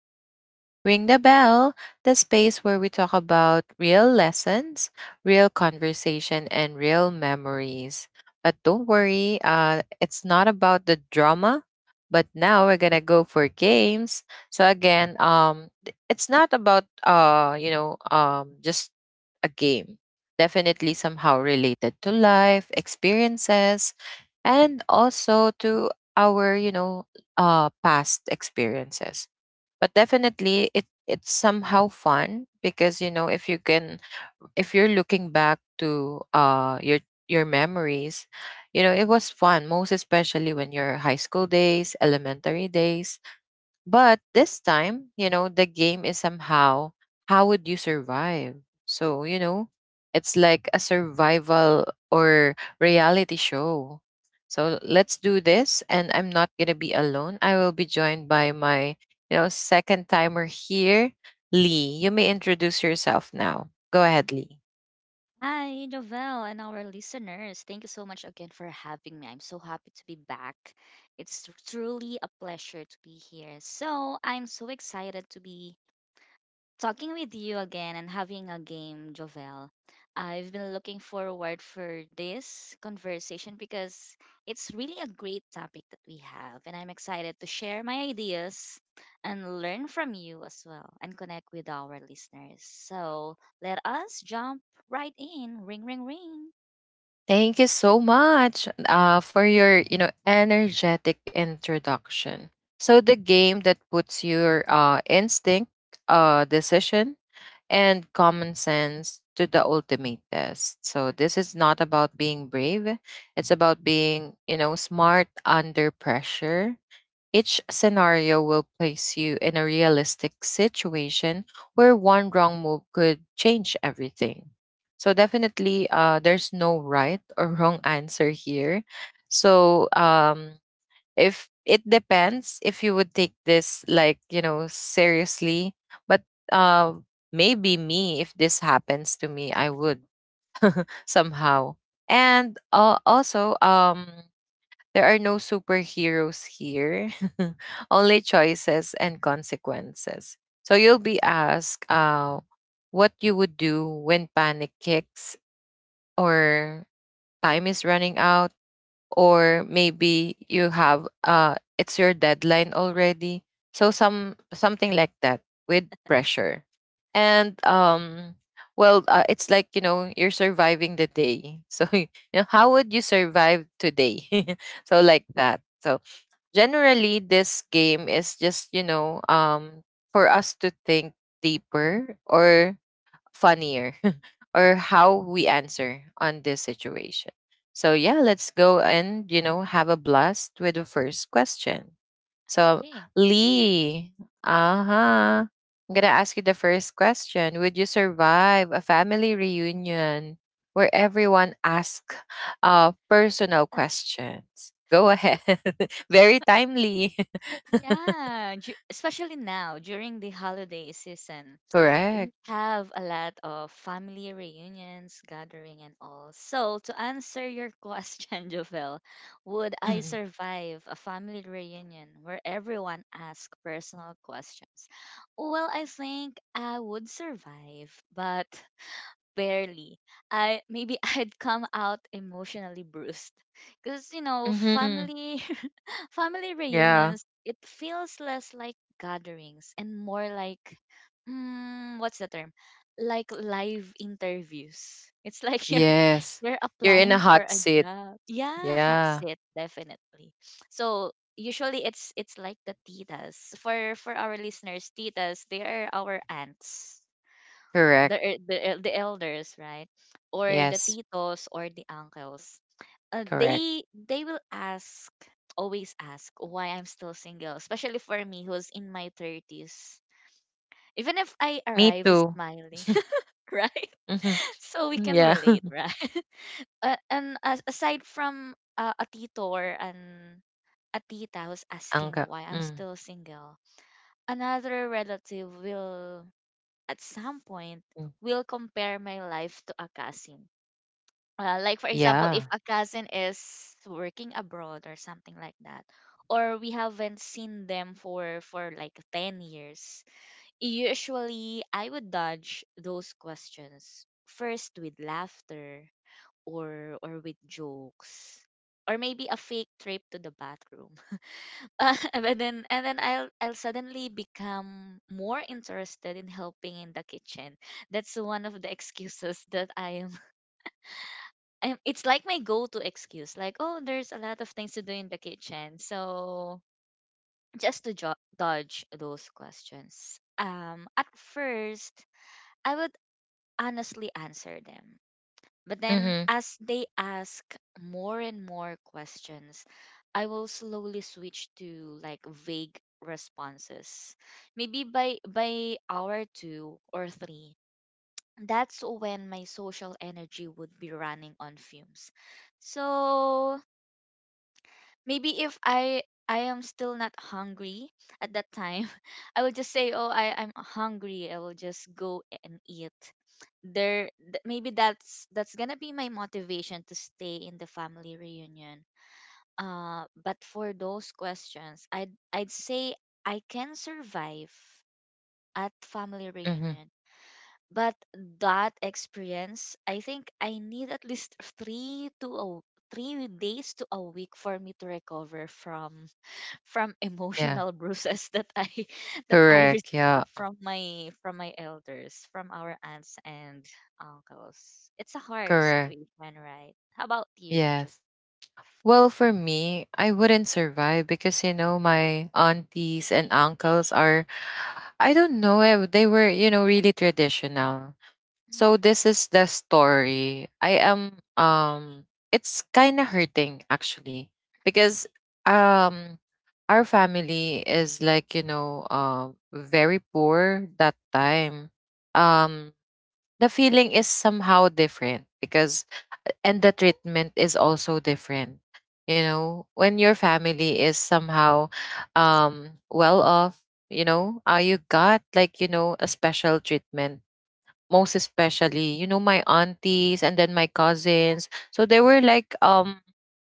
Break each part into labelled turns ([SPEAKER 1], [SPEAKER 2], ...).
[SPEAKER 1] to Ring the Bell, the space where we talk about real lessons, real conversation, and real memories. But don't worry, it's not about the drama. But now we're gonna go for games. So again, it's not about you know, just a game definitely somehow related to life, experiences, and also to our, you know, past experiences. But definitely it's somehow fun because you know if you can if you're looking back to your memories. You know it was fun, most especially when your high school days, elementary days, but this time, you know, the game is somehow, how would you survive? So, you know, it's like a survival or reality show. So let's do this. And I'm not going to be alone. I will be joined by my, you know, second timer here, Lee. You may introduce yourself now. Go ahead, Lee.
[SPEAKER 2] Hi, Novelle, and our listeners. Thank you so much again for having me. I'm so happy to be back. It's truly a pleasure to be here. So, I'm so excited to be talking with you again and having a game, Jovel. I've been looking forward for this conversation because it's really a great topic that we have, and I'm excited to share my ideas and learn from you as well and connect with our listeners. So let us jump right in. Ring, ring, ring.
[SPEAKER 1] Thank you so much for your, you know, energetic introduction. So the game that puts your instinct, decision, and common sense to the ultimate test. So this is not about being brave; it's about being, you know, smart under pressure. Each scenario will place you in a realistic situation where one wrong move could change everything. So, definitely, there's no right or wrong answer here. So, if it depends if you would take this, like, you know, seriously. But uh, maybe me, if this happens to me, I would somehow. And also, there are no superheroes here, only choices and consequences. So you'll be asked what you would do when panic kicks, or time is running out, or maybe you have it's your deadline already. So something like that, with pressure, and well, it's like you know you're surviving the day. So you know, how would you survive today? So like that. So, generally this game is just, you know, for us to think deeper or funnier or how we answer on this situation. So yeah, let's go and you know have a blast with the first question. So
[SPEAKER 2] Okay.
[SPEAKER 1] Lee, uh-huh. I'm gonna ask you the first question. Would you survive a family reunion where everyone asks personal questions? Go ahead. Very timely.
[SPEAKER 2] Yeah, especially now during the holiday season. We
[SPEAKER 1] Correct.
[SPEAKER 2] have a lot of family reunions, gathering, and all. So, to answer your question, Jovel, would I
[SPEAKER 1] Mm-hmm.
[SPEAKER 2] survive a family reunion where everyone asks personal questions? Well, I think I would survive, but barely. I maybe I'd come out emotionally bruised. Because you know
[SPEAKER 1] Mm-hmm.
[SPEAKER 2] family Family
[SPEAKER 1] Yeah.
[SPEAKER 2] reunions, it feels less like gatherings and more like, what's the term? Like live interviews. It's like you're
[SPEAKER 1] Yes.
[SPEAKER 2] you're
[SPEAKER 1] You're in a
[SPEAKER 2] applying for
[SPEAKER 1] hot
[SPEAKER 2] a
[SPEAKER 1] seat.
[SPEAKER 2] job. Yeah, that's
[SPEAKER 1] Yeah,
[SPEAKER 2] it, definitely. So usually it's like the titas. For our listeners, titas, they are our aunts.
[SPEAKER 1] correct.
[SPEAKER 2] The elders, right? Or the
[SPEAKER 1] Yes,
[SPEAKER 2] titos or the uncles,
[SPEAKER 1] correct.
[SPEAKER 2] they will ask always ask why I'm still single, especially for me who's in my 30s. Even if I
[SPEAKER 1] Me
[SPEAKER 2] arrive
[SPEAKER 1] too.
[SPEAKER 2] smiling, right?
[SPEAKER 1] Hmm.
[SPEAKER 2] So we can
[SPEAKER 1] Yeah.
[SPEAKER 2] relate, right? Aside from a tito or an a tita who's asking
[SPEAKER 1] Angga.
[SPEAKER 2] why I'm
[SPEAKER 1] Mm.
[SPEAKER 2] still single, another relative will, at some point,
[SPEAKER 1] Mm.
[SPEAKER 2] will compare my life to a cousin, like for example, if
[SPEAKER 1] Yeah.
[SPEAKER 2] a cousin is working abroad or something like that, or we haven't seen them for like 10 years. Usually I would dodge those questions first with laughter, or with jokes, or maybe a fake trip to the bathroom. And then I'll suddenly become more interested in helping in the kitchen. That's one of the excuses that it's like my go-to excuse, like, oh, there's a lot of things to do in the kitchen. So just to dodge those questions, at first I would honestly answer them, but then
[SPEAKER 1] Hmm.
[SPEAKER 2] as they ask more and more questions, I will slowly switch to like vague responses. Maybe by hour 2 or 3, that's when my social energy would be running on fumes. So maybe if I am still not hungry at that time, I will just say, "Oh, I'm hungry." I will just go and eat. Maybe that's going to be my motivation to stay in the family reunion. But for those questions, I'd say I can survive at family
[SPEAKER 1] Hmm.
[SPEAKER 2] reunion. But that experience, I think I need at least 3 to a, 3 days to a week for me to recover from
[SPEAKER 1] Yeah.
[SPEAKER 2] emotional bruises that I that I received
[SPEAKER 1] Correct. Yeah.
[SPEAKER 2] from my elders, from our aunts and uncles. It's a hard
[SPEAKER 1] Correct.
[SPEAKER 2] situation, right? How about you, Chuck?
[SPEAKER 1] Yes. Well, for me, I wouldn't survive because, you know, my aunties and uncles are, I don't know, eh, they were, you know, really traditional.
[SPEAKER 2] Mm.
[SPEAKER 1] So this is the story. I am It's kind of hurting, actually, because um our family is like, you know, very poor that time. Um the feeling is somehow different, because and the treatment is also different. You know, when your family is somehow well off, you know, you got like, you know, a special treatment, most especially, you know, my aunties and then my cousins. So they were like,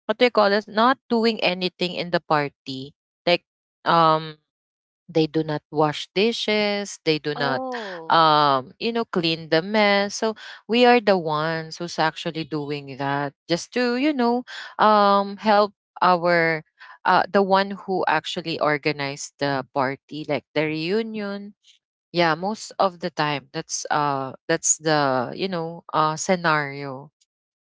[SPEAKER 1] what do you call it? Not doing anything in the party. Like, um, they do not wash dishes. They do not,
[SPEAKER 2] Oh,
[SPEAKER 1] you know, clean the mess. So we are the ones who's actually doing that, just to, you know, help our, the one who actually organized the party, like the reunion. Yeah, most of the time that's the, you know, scenario.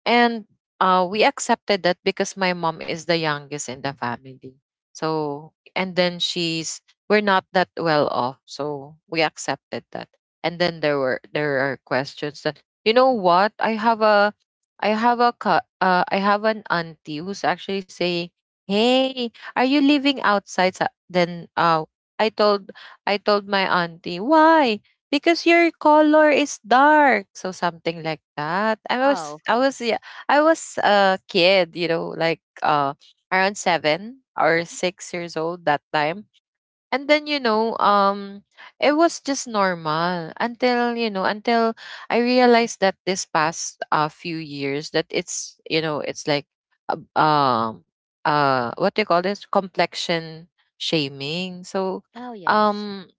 [SPEAKER 1] And we accepted that because my mom is the youngest in the family. So, and then she's, we're not that well off. So we accepted that. And then there are questions that, you know what? I have a, I have an auntie who's actually saying, "Hey, are you living outside? Sa-" Then, I told, I told my auntie, why? Because your color is dark, so something like that. i was
[SPEAKER 2] wow.
[SPEAKER 1] i was I was a kid, you know, like around 7 or 6 years old that time. And then, you know, it was just normal until, you know, until I realized that this past few years that it's like uh, um what do you call this? Complexion shaming. So
[SPEAKER 2] Oh, yes.
[SPEAKER 1] um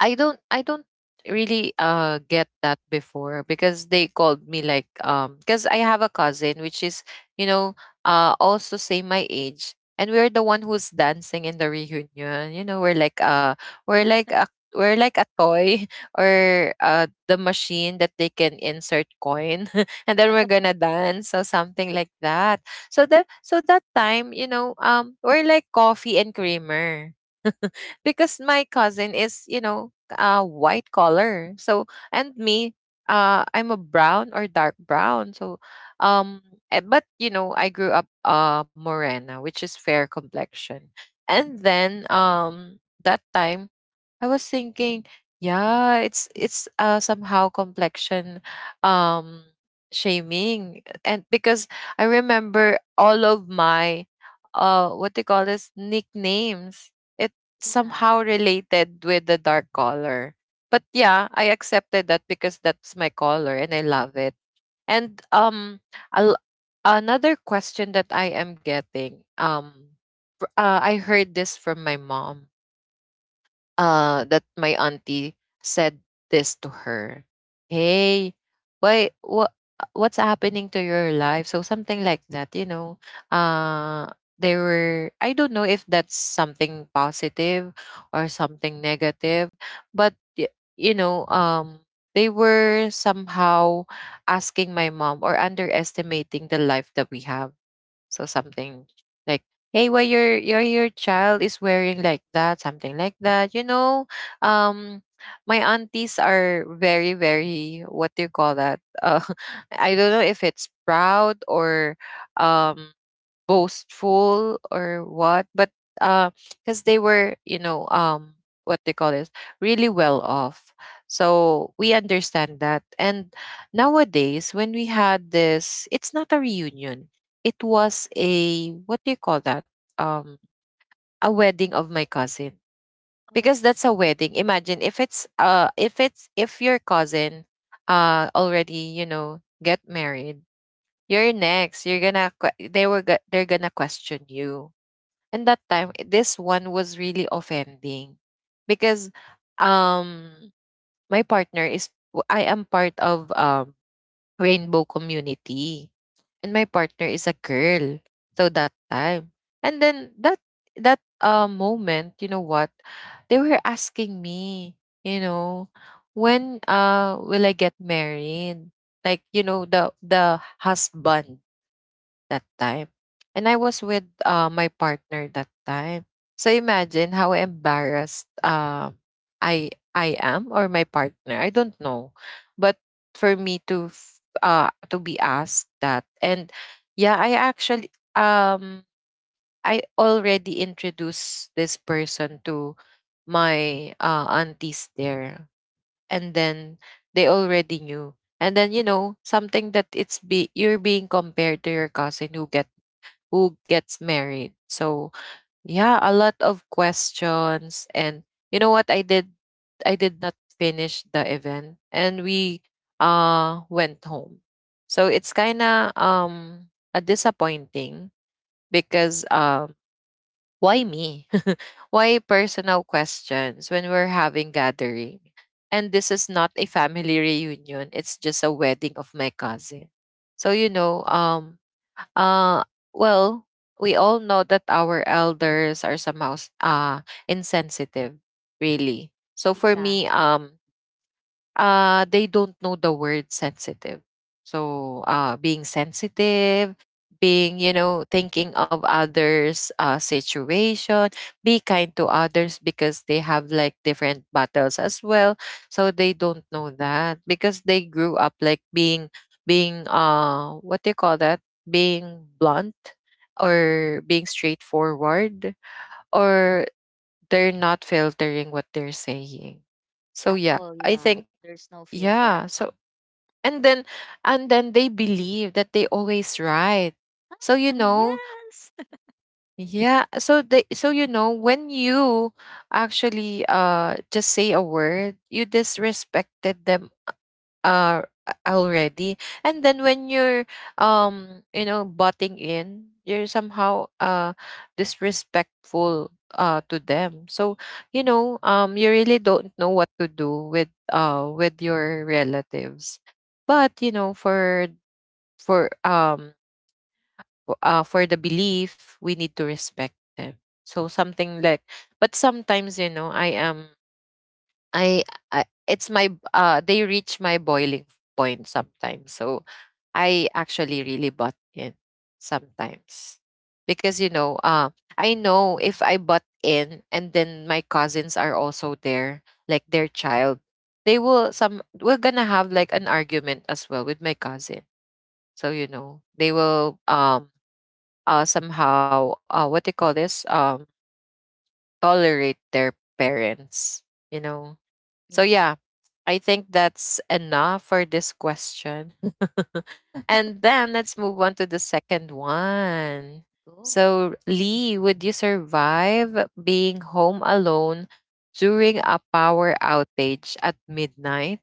[SPEAKER 1] I don't really get that before, because they called me like because I have a cousin which is, you know, also same my age, and we're the one who's dancing in the reunion. You know, we're like we're like a we're like a toy or the machine that they can insert coin and then we're gonna dance or something like that. So that, time, you know, we're like coffee and creamer because my cousin is, you know, white color. So, and me, I'm a brown or dark brown. So um, but you know, I grew up morena, which is fair complexion. And then that time, I was thinking, yeah, it's somehow complexion um shaming. And because I remember all of my what they call this nicknames, it
[SPEAKER 2] Yeah.
[SPEAKER 1] somehow related with the dark color. But yeah, I accepted that because that's my color and I love it. And al another question that I am getting, I heard this from my mom, that my auntie said this to her. "Hey, why what's happening to your life?" So something like that, you know. Uh they were, I don't know if that's something positive or something negative, but you know, they were somehow asking my mom or underestimating the life that we have, so something like, "Hey, why your child is wearing like that?" Something like that. You know, um, my aunties are very, very, what do you call that? I don't know if it's proud or um boastful or what, but uh because they were, you know, what they call this, really well off. So we understand that. And nowadays, when we had this, it's not a reunion, it was a, what do you call that, um a wedding of my cousin.
[SPEAKER 2] Oh,
[SPEAKER 1] Because that's a wedding, imagine, if your cousin already, you know, get married, you're next, you're gonna they're gonna question you. And that time, this one was really offending, because um my partner is I am part of rainbow community and my partner is a girl. So that time. And then that moment, you know what? They were asking me, you know, when will I get married? Like, you know, the husband that time. And I was with my partner that time. So imagine how embarrassed I am, or my partner. I don't know. But for me to to be asked that, and yeah, I actually um I already introduced this person to my aunties there, and then they already knew, and then, you know, something that it's be, you're being compared to your cousin who gets married. So yeah, a lot of questions. And you know what I did? I did not finish the event, and we went home. So it's kinda a disappointing, because why me? Why personal questions when we're having gathering? And this is not a family reunion, it's just a wedding of my cousin. So you know, uh, well, we all know that our elders are somehow insensitive, really. So for
[SPEAKER 2] yeah.
[SPEAKER 1] me,
[SPEAKER 2] At,
[SPEAKER 1] they don't know the word sensitive. So, being sensitive, being, you know, thinking of others' situation, be kind to others because they have like different battles as well. So they don't know that because they grew up like being, what do you call that? Being blunt or being straightforward, or they're not filtering what they're saying. So
[SPEAKER 2] at
[SPEAKER 1] yeah,
[SPEAKER 2] all,
[SPEAKER 1] I
[SPEAKER 2] yeah.
[SPEAKER 1] think,
[SPEAKER 2] There's no filter
[SPEAKER 1] yeah.
[SPEAKER 2] at
[SPEAKER 1] So and then they believe that they always right. So you
[SPEAKER 2] all.
[SPEAKER 1] know,
[SPEAKER 2] Yes.
[SPEAKER 1] yeah. So they, so you know, when you actually just say a word, you disrespected them uh already, and then when you're you know butting in, you're somehow disrespectful to them. So you know, you really don't know what to do with with your relatives. But you know for um for the belief, we need to respect them, so something like. But sometimes you know I, I it's my they reach my boiling point sometimes. So I actually really butt in sometimes. Because I know if I butt in and then my cousins are also there, like their child, they will some we're gonna have like an argument as well with my cousin. So you know, they will somehow, uh, what do you call this? Tolerate their parents, you know. So
[SPEAKER 2] Yeah.
[SPEAKER 1] yeah, I think that's enough for this question. And then let's move on to the second one.
[SPEAKER 2] Go.
[SPEAKER 1] So, Lee, would you survive being home alone during a power outage at midnight?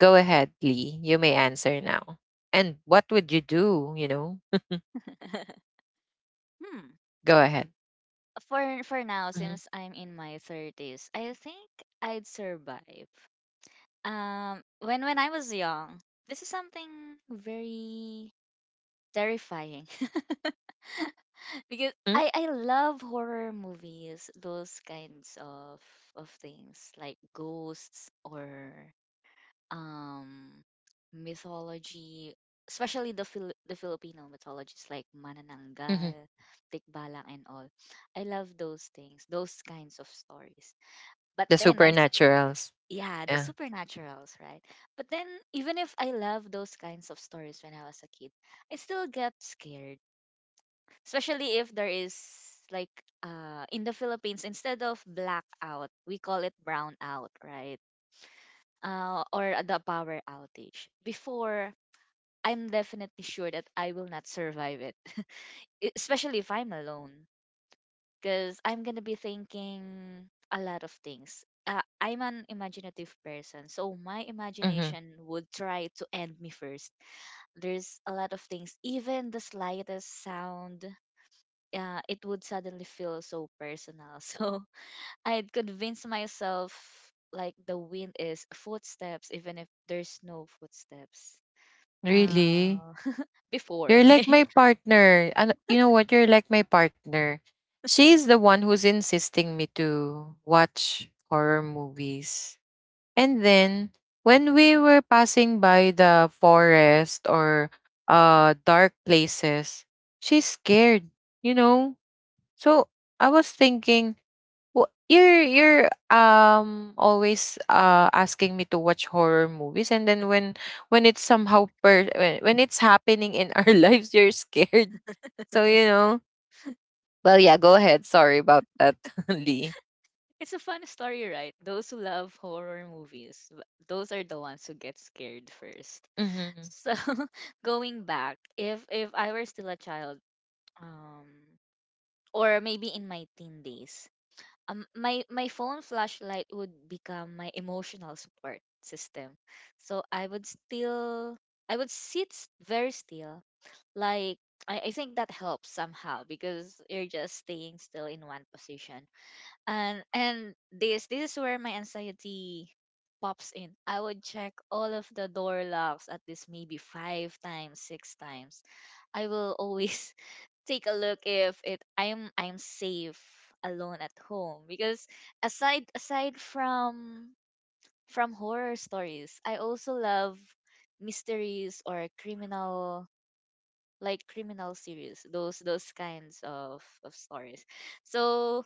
[SPEAKER 1] Go ahead, Lee. You may answer now. And what would you do? You know,
[SPEAKER 2] hmm.
[SPEAKER 1] go ahead.
[SPEAKER 2] For now,
[SPEAKER 1] Hmm.
[SPEAKER 2] since I'm in my 30s, I think I'd survive. When I was young, this is something very terrifying because I love horror movies, those kinds of things like ghosts or um mythology, especially the the Filipino mythologies like
[SPEAKER 1] Hmm.
[SPEAKER 2] Manananggal, Tikbalang and all. I love those things, those kinds of stories. But
[SPEAKER 1] The
[SPEAKER 2] then I
[SPEAKER 1] supernaturals.
[SPEAKER 2] yeah, the
[SPEAKER 1] Yeah.
[SPEAKER 2] supernaturals, right? But then, even if I love those kinds of stories when I was a kid, I still get scared, especially if there is, like, in the Philippines, instead of blackout, we call it brownout, right? Or the power outage. Before, I'm definitely sure that I will not survive it, especially if I'm alone, because I'm gonna be thinking a lot of things. I'm an imaginative person, so my
[SPEAKER 1] Hmm.
[SPEAKER 2] imagination would try to end me first. There's a lot of things; even the slightest sound, it would suddenly feel so personal. So I'd convince myself like the wind is footsteps, even if there's no footsteps.
[SPEAKER 1] Really?
[SPEAKER 2] Uh, Before,
[SPEAKER 1] You're like
[SPEAKER 2] okay?
[SPEAKER 1] my partner. And you know what? You're like my partner. She's the one who's insisting me to watch horror movies. And then when we were passing by the forest or uh, dark places, she's scared, you know? So I was thinking, well, you're always asking me to watch horror movies, and then when it's somehow per when it's happening in our lives, you're scared. So you know. Well, yeah. Go ahead. Sorry about that, Lee.
[SPEAKER 2] It's a fun story, right? Those who love horror movies, those are the ones who get scared first.
[SPEAKER 1] Mm-hmm.
[SPEAKER 2] So, going back, if I were still a child, um, or maybe in my teen days, my phone flashlight would become my emotional support system. So I would still, I would sit very still, like I think that helps somehow because you're just staying still in one position. And this is where my anxiety pops in. I would check all of the door locks at least maybe five times, six times. I will always take a look if it I'm safe alone at home, because aside from horror stories, I also love mysteries or criminal, like criminal series, those kinds of stories. So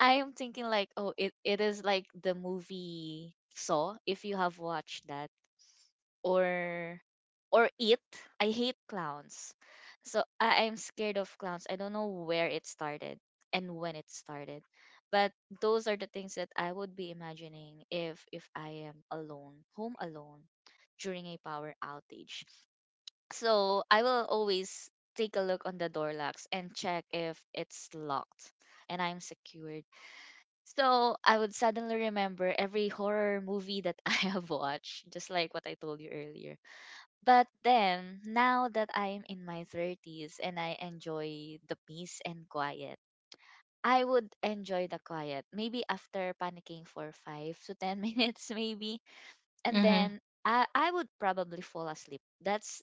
[SPEAKER 2] I am thinking like, oh, it is like the movie Saw, if you have watched that, or It. I hate clowns, so I'm scared of clowns. I don't know where it started and when it started, but those are the things that I would be imagining if I am alone, home alone, during a power outage. So I will always take a look on the door locks and check if it's locked and I'm secured, so I would suddenly remember every horror movie that I have watched, just like what I told you earlier. But then, now that I'm in my 30s and I enjoy the peace and quiet, I would enjoy the quiet. Maybe after panicking for 5 to 10 minutes, maybe. And
[SPEAKER 1] Mm-hmm.
[SPEAKER 2] then I would probably fall asleep. That's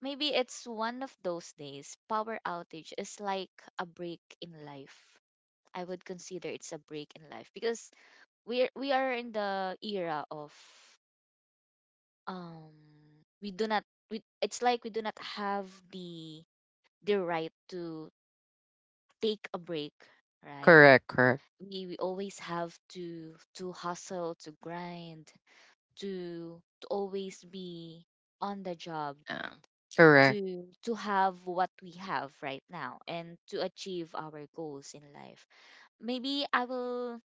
[SPEAKER 2] maybe it's one of those days. Power outage is like a break in life. I would consider it's a break in life, because we are in the era of, um we do not, we, it's like we do not have the right to take a break, right?
[SPEAKER 1] Correct. Correct.
[SPEAKER 2] We always have to hustle, to grind, to always be on the job,
[SPEAKER 1] Yeah. Correct.
[SPEAKER 2] to have what we have right now and to achieve our goals in life. Maybe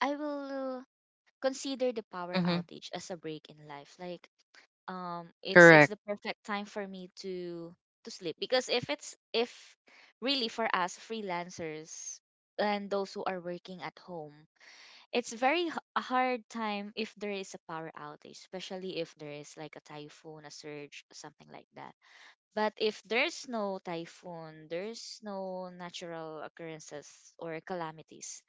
[SPEAKER 2] I will consider the power
[SPEAKER 1] Mm-hmm.
[SPEAKER 2] outage as a break in life, like, it's
[SPEAKER 1] Correct.
[SPEAKER 2] the perfect time for me to sleep. Because if it's if really, for us freelancers and those who are working at home, it's a hard time if there is a power outage, especially if there is like a typhoon, a surge, something like that. But if there's no typhoon, there's no natural occurrences or calamities,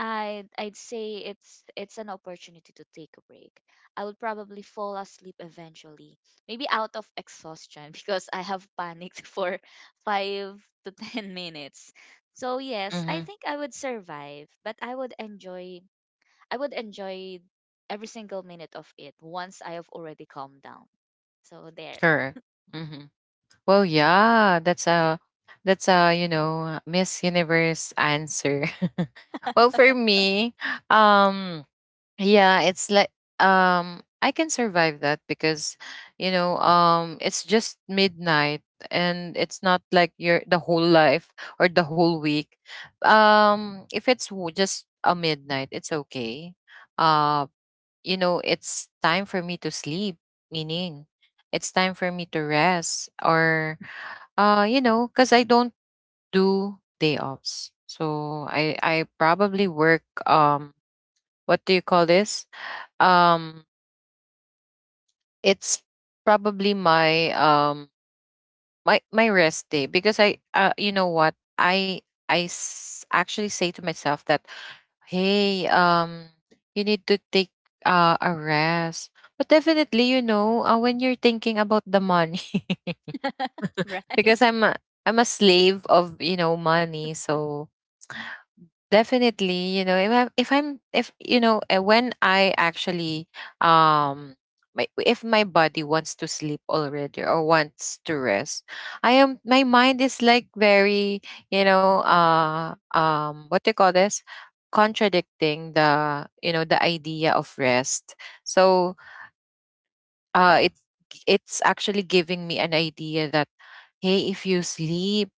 [SPEAKER 2] I'd say it's an opportunity to take a break. I would probably fall asleep eventually, maybe out of exhaustion because I have panicked for 5 to 10 minutes. So yes, I
[SPEAKER 1] Mm-hmm.
[SPEAKER 2] think I would survive, but I would enjoy every single minute of it once I have already calmed down. So there,
[SPEAKER 1] Correct. Mm-hmm. Well, yeah, that's a you know, Miss Universe answer. Well, for me, um, yeah, it's like, I can survive that because you know, it's just midnight and it's not like your the whole life or the whole week. If it's just a midnight, it's okay. Uh you know, it's time for me to sleep, meaning it's time for me to rest, or you know, cuz I don't do day offs. So I probably work, what do you call this? um it's probably my my rest day because I you know what, actually say to myself that hey, you need to take a rest. But definitely, you know, when you're thinking about the money
[SPEAKER 2] right?
[SPEAKER 1] because I'm a slave of, you know, money. So definitely, you know, if I'm if you know, when I actually, um if my body wants to sleep already or wants to rest, I am my mind is like very, you know, what do you call this, contradicting the, you know, the idea of rest. So uh, it it's actually giving me an idea that hey, if you sleep,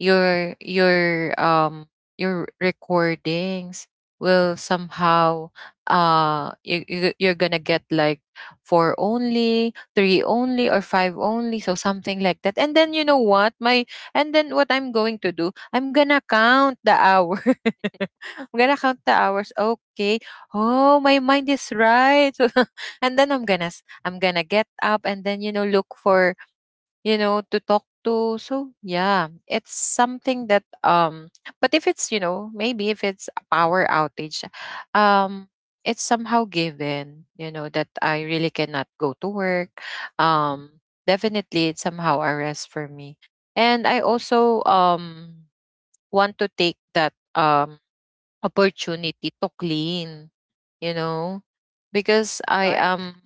[SPEAKER 1] your your um your recordings will somehow, you're gonna get like four only, three only, or five only, so something like that. And then you know what, my and then what I'm going to do, I'm gonna count the hours. I'm gonna count the hours. Okay. Oh, my mind is right. And then I'm gonna get up and then, you know, look for, you know, to talk to. So yeah, it's something that. But if it's, you know, maybe if it's a power outage, um, it's somehow given. You know that I really cannot go to work. Um, definitely it's somehow a rest for me. And I also want to take that opportunity to clean, you know, because I
[SPEAKER 2] Dark?
[SPEAKER 1] am,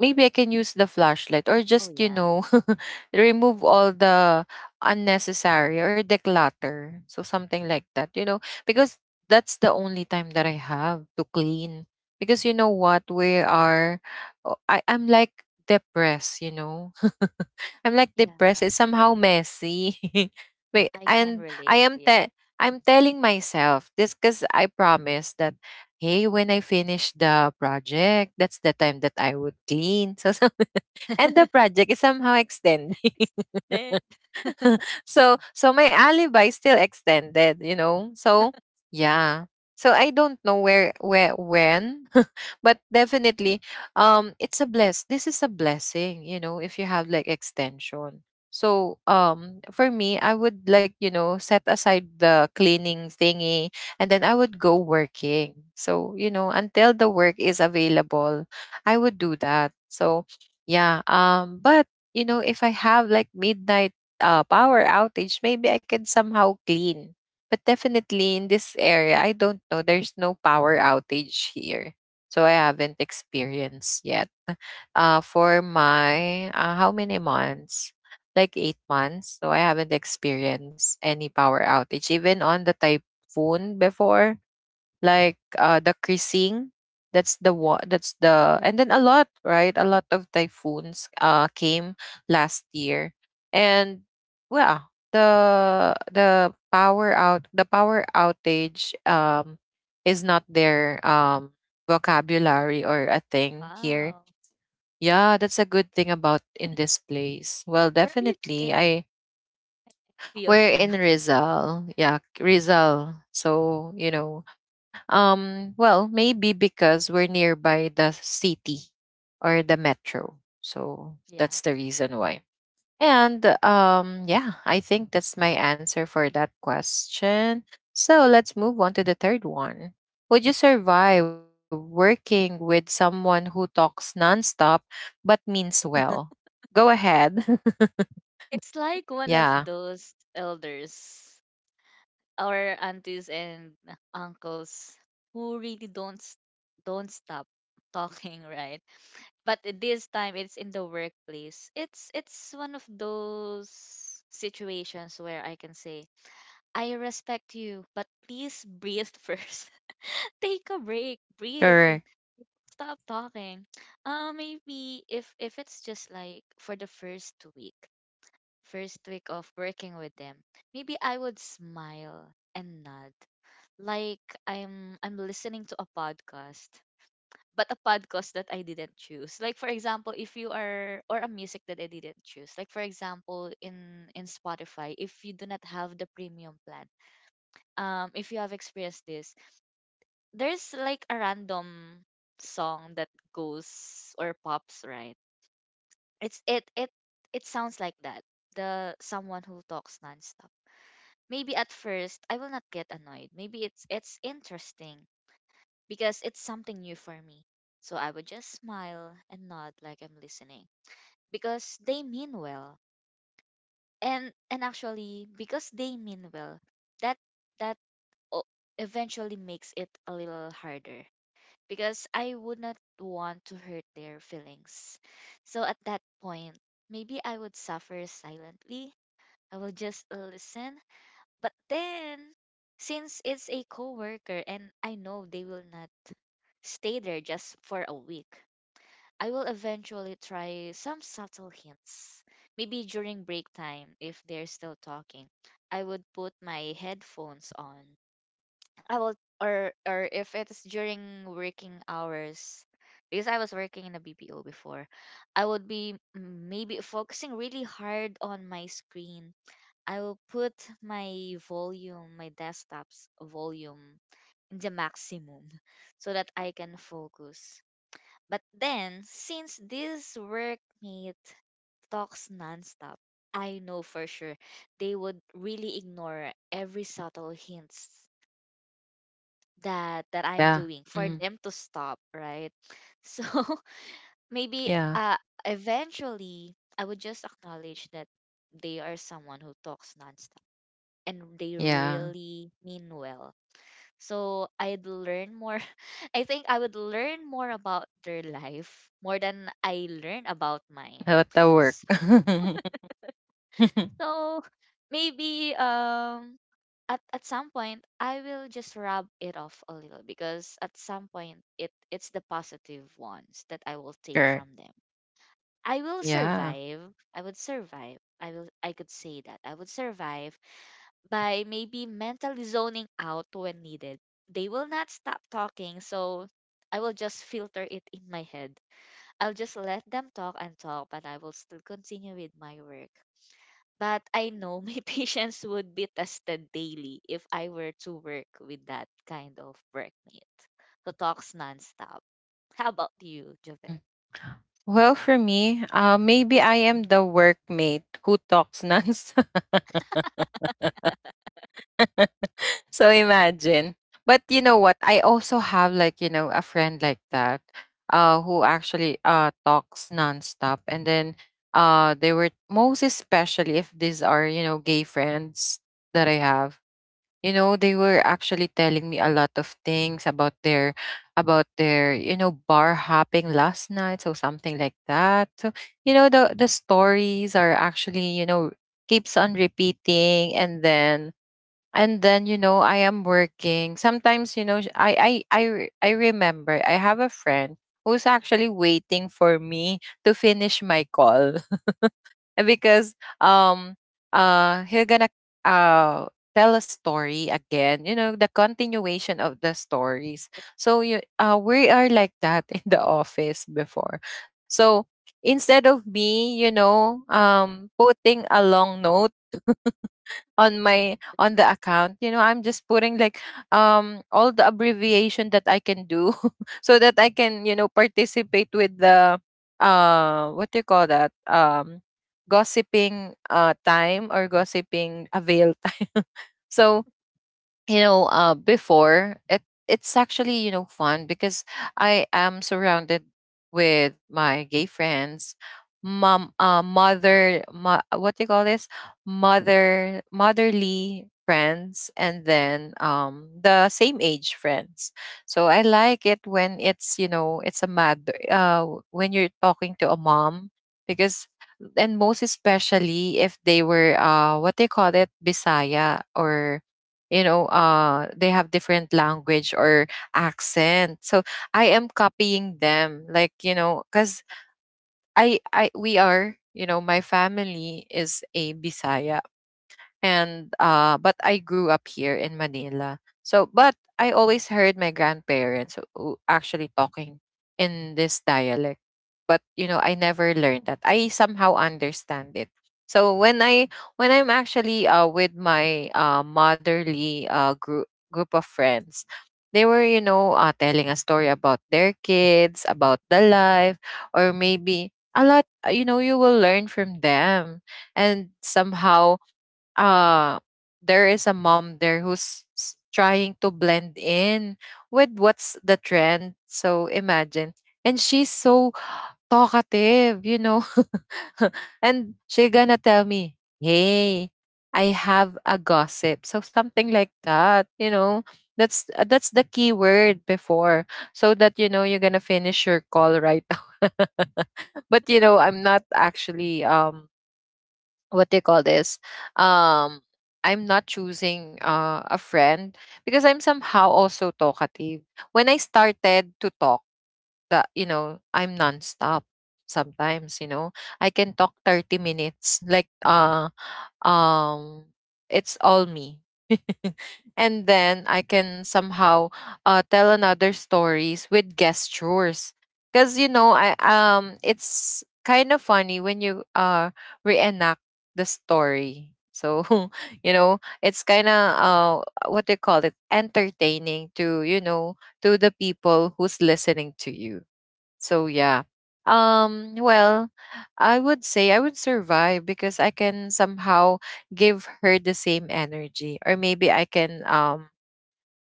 [SPEAKER 1] maybe I can use the flashlight or
[SPEAKER 2] Oh
[SPEAKER 1] just, you
[SPEAKER 2] yeah,
[SPEAKER 1] know, remove all the unnecessary or the clutter. So something like that, you know, because that's the only time that I have to clean. Because you know what, oh, I'm like depressed, you know. I'm like depressed.
[SPEAKER 2] yeah,
[SPEAKER 1] It's somehow messy. Wait,
[SPEAKER 2] I can
[SPEAKER 1] and
[SPEAKER 2] relate. Yeah,
[SPEAKER 1] I'm telling myself this because I promise that hey, when I finish the project, that's the time that I would clean. So, so and the project is somehow extending.
[SPEAKER 2] extended.
[SPEAKER 1] So so my alibi still extended, you know. So yeah. So I don't know where, when, but definitely, um, it's a bless. This is a blessing, you know, if you have like extension. So, um, for me, I would like, you know, set aside the cleaning thingy and then I would go working. So, you know, until the work is available, I would do that. So, yeah, but you know, if I have like midnight, power outage, maybe I can somehow clean. But definitely in this area, I don't know. There's no power outage here. So I haven't experienced yet. For my, how many months? Like 8 months. So I haven't experienced any power outage, even on the typhoon before like, the creasing. That's the, and then a lot, right, a lot of typhoons uh, came last year. And well, the power out the power outage, is not their, vocabulary or a thing here.
[SPEAKER 2] Wow,
[SPEAKER 1] Yeah, that's a good thing about in this place. Well,
[SPEAKER 2] where are you to
[SPEAKER 1] definitely. I,
[SPEAKER 2] be
[SPEAKER 1] we're
[SPEAKER 2] of
[SPEAKER 1] in
[SPEAKER 2] you?
[SPEAKER 1] Rizal. Yeah, Rizal. So, you know, well, maybe because we're nearby the city or the metro. So
[SPEAKER 2] Yeah.
[SPEAKER 1] that's the reason why. And yeah, I think that's my answer for that question. So let's move on to the third one. Would you survive working with someone who talks nonstop but means well? Go ahead.
[SPEAKER 2] It's like one of
[SPEAKER 1] Yeah,
[SPEAKER 2] those elders, our aunties and uncles who really don't stop talking, right? But this time it's in the workplace. It's one of those situations where I can say, "I respect you, but please breathe first. Take a break. Breathe.
[SPEAKER 1] correct.
[SPEAKER 2] Stop talking." Maybe if it's just like for the first week of working with them, maybe I would smile and nod like I'm listening to a podcast, but a podcast that I didn't choose. Like for example, if you are or a music that I didn't choose. Like for example, in Spotify, if you do not have the premium plan, if you have experienced this, there's like a random song that goes or pops, right. It's it it It sounds like that, the someone who talks nonstop. Maybe at first I will not get annoyed. Maybe it's interesting because it's something new for me. So I would just smile and nod like I'm listening because they mean well. And actually because they mean well, that that o- eventually makes it a little harder because I would not want to hurt their feelings. So at that point, maybe I would suffer silently. I will just listen. But then, since it's a coworker and I know they will not stay there just for a week, I will eventually try some subtle hints. Maybe during break time, if they're still talking, I would put my headphones on. I will, or if it's during working hours, because I was working in a BPO before, I would be maybe focusing really hard on my screen. I will put my volume, my desktop's volume in the maximum so that I can focus. But then, since this workmate talks nonstop, I know for sure they would really ignore every subtle hints that I'm
[SPEAKER 1] Yeah.
[SPEAKER 2] doing for
[SPEAKER 1] Mhm.
[SPEAKER 2] them to stop, right? So maybe
[SPEAKER 1] Yeah.
[SPEAKER 2] uh eventually I would just acknowledge that they are someone who talks nonstop and they
[SPEAKER 1] Yeah.
[SPEAKER 2] really mean well. So I'd learn more. I think I would learn more about their life more than I learn about mine.
[SPEAKER 1] How about the work?
[SPEAKER 2] So maybe at some point I will just rub it off a little because at some point it's the positive ones that I will take
[SPEAKER 1] Correct.
[SPEAKER 2] from them. I will
[SPEAKER 1] Yeah.
[SPEAKER 2] survive. I would survive. I could say that. I would survive by maybe mentally zoning out when needed. They will not stop talking, so I will just filter it in my head. I'll just let them talk and talk, but I will still continue with my work. But I know my patience would be tested daily if I were to work with that kind of workmate who talks nonstop. How about you,
[SPEAKER 1] Mm.
[SPEAKER 2] Javel?
[SPEAKER 1] Well, for me, maybe I am the workmate who talks nonsense. So imagine. But you know what? I also have like, you know, a friend like that, who actually talks nonstop. And then, they were, most especially if these are, you know, gay friends that I have. You know, they were actually telling me a lot of things about their, about their, you know, bar hopping last night, so something like that. So you know, the stories are actually, you know, keeps on repeating. And then and then, you know, I am working sometimes, you know, I remember I have a friend who's actually waiting for me to finish my call because, um he gonna, uh tell a story again, you know, the continuation of the stories. So you, we are like that in the office before. So instead of me, you know, putting a long note on the account, you know, I'm just putting like, all the abbreviation that I can do, so that I can, you know, participate with the, uh, what do you call that, gossiping, uh, time or gossiping avail time. So you know, before, it's actually, you know, fun because I am surrounded with my gay friends, mom, mother, what do you call this, mother, motherly friends, and then the same age friends. So I like it when it's, you know, it's a mother, uh, when you're talking to a mom, because and most especially if they were, uh, what they call it, bisaya, or you know, uh, they have different language or accent. So I am copying them, like, you know, cuz I we are, you know, my family is a bisaya. And uh, but I grew up here in Manila. So but I always heard my grandparents who actually talking in this dialect. But you know, I never learned that. I somehow understand it. So when I'm actually, uh, with my, uh, motherly, uh, group of friends, they were, you know, uh, telling a story about their kids, about the life, or maybe a lot, you know, you will learn from them. And somehow, uh there is a mom there who's trying to blend in with what's the trend, so imagine. And she's so talkative, you know. And she gonna tell me, hey, I have a gossip, so something like that. You know, that's the key word before, so that, you know, you're gonna finish your call, right? But you know, I'm not actually, what they call this, um I'm not choosing, a friend because I'm somehow also talkative. When I started to talk, that you know, I'm nonstop sometimes, you know, I can talk 30 minutes like, um it's all me. And then I can somehow, tell another stories with gestures. Because you know, I, it's kind of funny when you, uh, reenact the story. So you know, it's kind of, what they call it, entertaining to, you know, to the people who's listening to you. So yeah. Um, well, I would say I would survive because I can somehow give her the same energy, or maybe I can, um,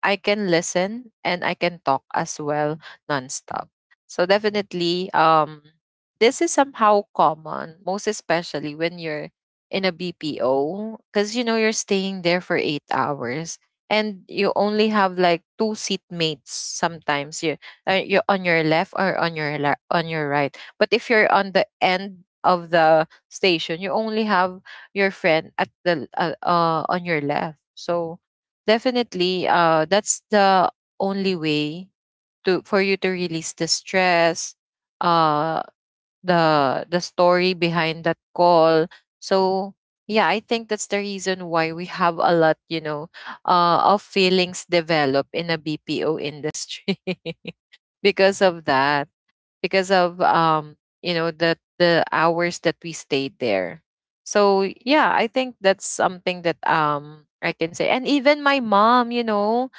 [SPEAKER 1] I can listen and I can talk as well nonstop. So definitely, this is somehow common, most especially when you're in a BPO, because you know, you're staying there for 8 hours and you only have like two seatmates sometimes. You, you're on your left or on your on your right. But if you're on the end of the station, you only have your friend at the, uh, on your left. So definitely, that's the only way to for you to release the stress, uh, the story behind that call. So yeah, I think that's the reason why we have a lot, of feelings develop in a BPO industry because of that, because of the hours that we stayed there. So yeah, I think that's something that I can say. And even my mom, you know,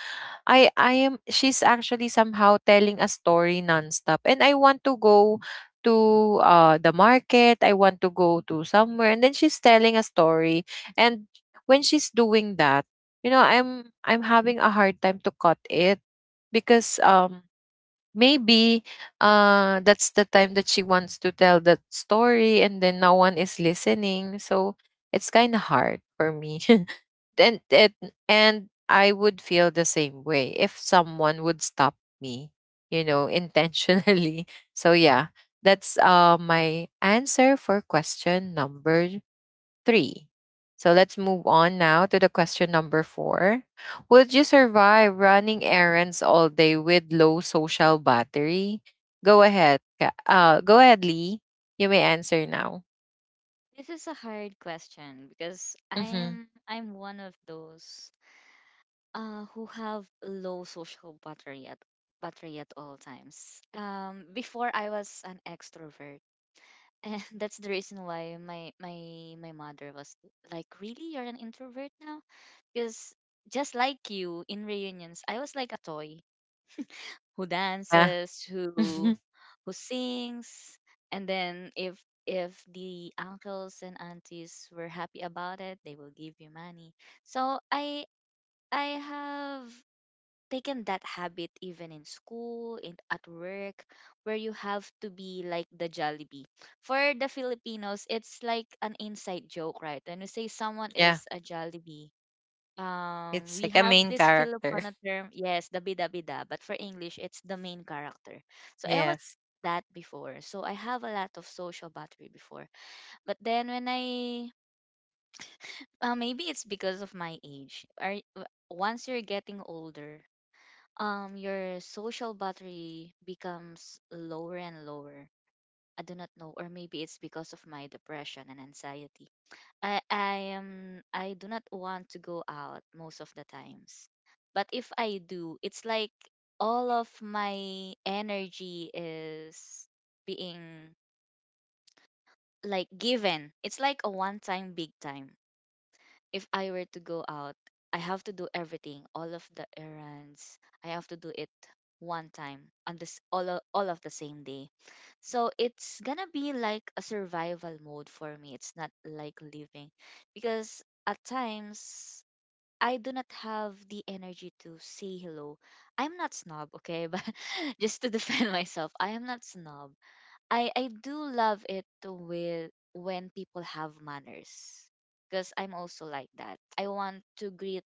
[SPEAKER 1] I am she's actually somehow telling a story nonstop and I want to go to the market, I want to go to somewhere, and then she's telling a story and when she's doing that, you know, I'm having a hard time to cut it because maybe that's the time that she wants to tell that story and then no one is listening. So it's kind of hard for me. and and and I would feel the same way if someone would stop me, you know, intentionally. So yeah, that's my answer for question number 3. So let's move on now to the question number 4. Would you survive running errands all day with low social battery? Go ahead. Go ahead, Lee. You may answer now.
[SPEAKER 2] This is a hard question because
[SPEAKER 1] Mhm.
[SPEAKER 2] I'm one of those, who have low social battery at all times. Before I was an extrovert, and that's the reason why my mother was like, "Really, you're an introvert now?" Because just like you in reunions, I was like a toy who
[SPEAKER 1] Yeah.
[SPEAKER 2] dances, who sings, and then if the uncles and aunties were happy about it, they will give you money. So I have taken that habit even in school, in at work, where you have to be like the Jollibee. For the Filipinos, it's like an inside joke, right? When we say someone
[SPEAKER 1] Yeah,
[SPEAKER 2] is a Jollibee,
[SPEAKER 1] it's
[SPEAKER 2] we
[SPEAKER 1] like a
[SPEAKER 2] have
[SPEAKER 1] main
[SPEAKER 2] this
[SPEAKER 1] character.
[SPEAKER 2] Filipino term, yes, the bida bida, but for English, it's the main character. So I was
[SPEAKER 1] Yes.
[SPEAKER 2] that before, so I have a lot of social battery before. But then when I, maybe it's because of my age. Are once you're getting older, um, your social battery becomes lower and lower. I do not know, or maybe it's because of my depression and anxiety. I am I do not want to go out most of the times. But if I do, it's like all of my energy is being like given. It's like a one time big time, if I were to go out, I have to do everything, all of the errands. I have to do it one time on this all of the same day. So it's gonna be like a survival mode for me. It's not like living because at times I do not have the energy to say hello. I'm not snob, okay? But just to defend myself, I am not snob. I do love it with when people have manners because I'm also like that. I want to greet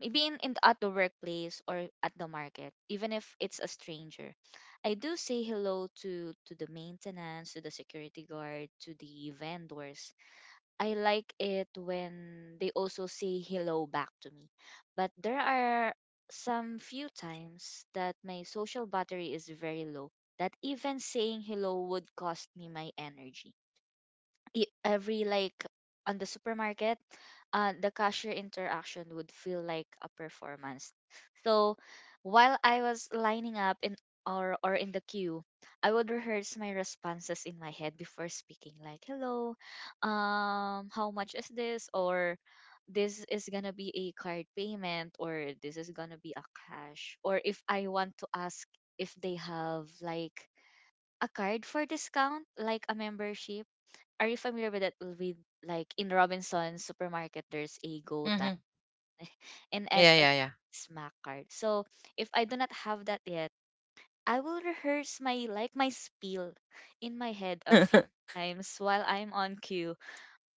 [SPEAKER 2] maybe in at the workplace or at the market, even if it's a stranger. I do say hello to the maintenance, to the security guard, to the vendors. I like it when they also say hello back to me. But there are some few times that my social battery is very low that even saying hello would cost me my energy, every like on the supermarket, the cashier interaction would feel like a performance. So while I was lining up in or in the queue, I would rehearse my responses in my head before speaking like hello, um, how much is this, or this is gonna be a card payment, or this is gonna be a cash, or if I want to ask if they have like a card for discount, like a membership. Are you familiar with that, with like in Robinson's supermarket there's a Go Time
[SPEAKER 1] Mhm.
[SPEAKER 2] and
[SPEAKER 1] Yeah,
[SPEAKER 2] SF
[SPEAKER 1] yeah, yeah.
[SPEAKER 2] Smack card. So if I do not have that yet, I will rehearse my like my spiel in my head a few times while I'm on queue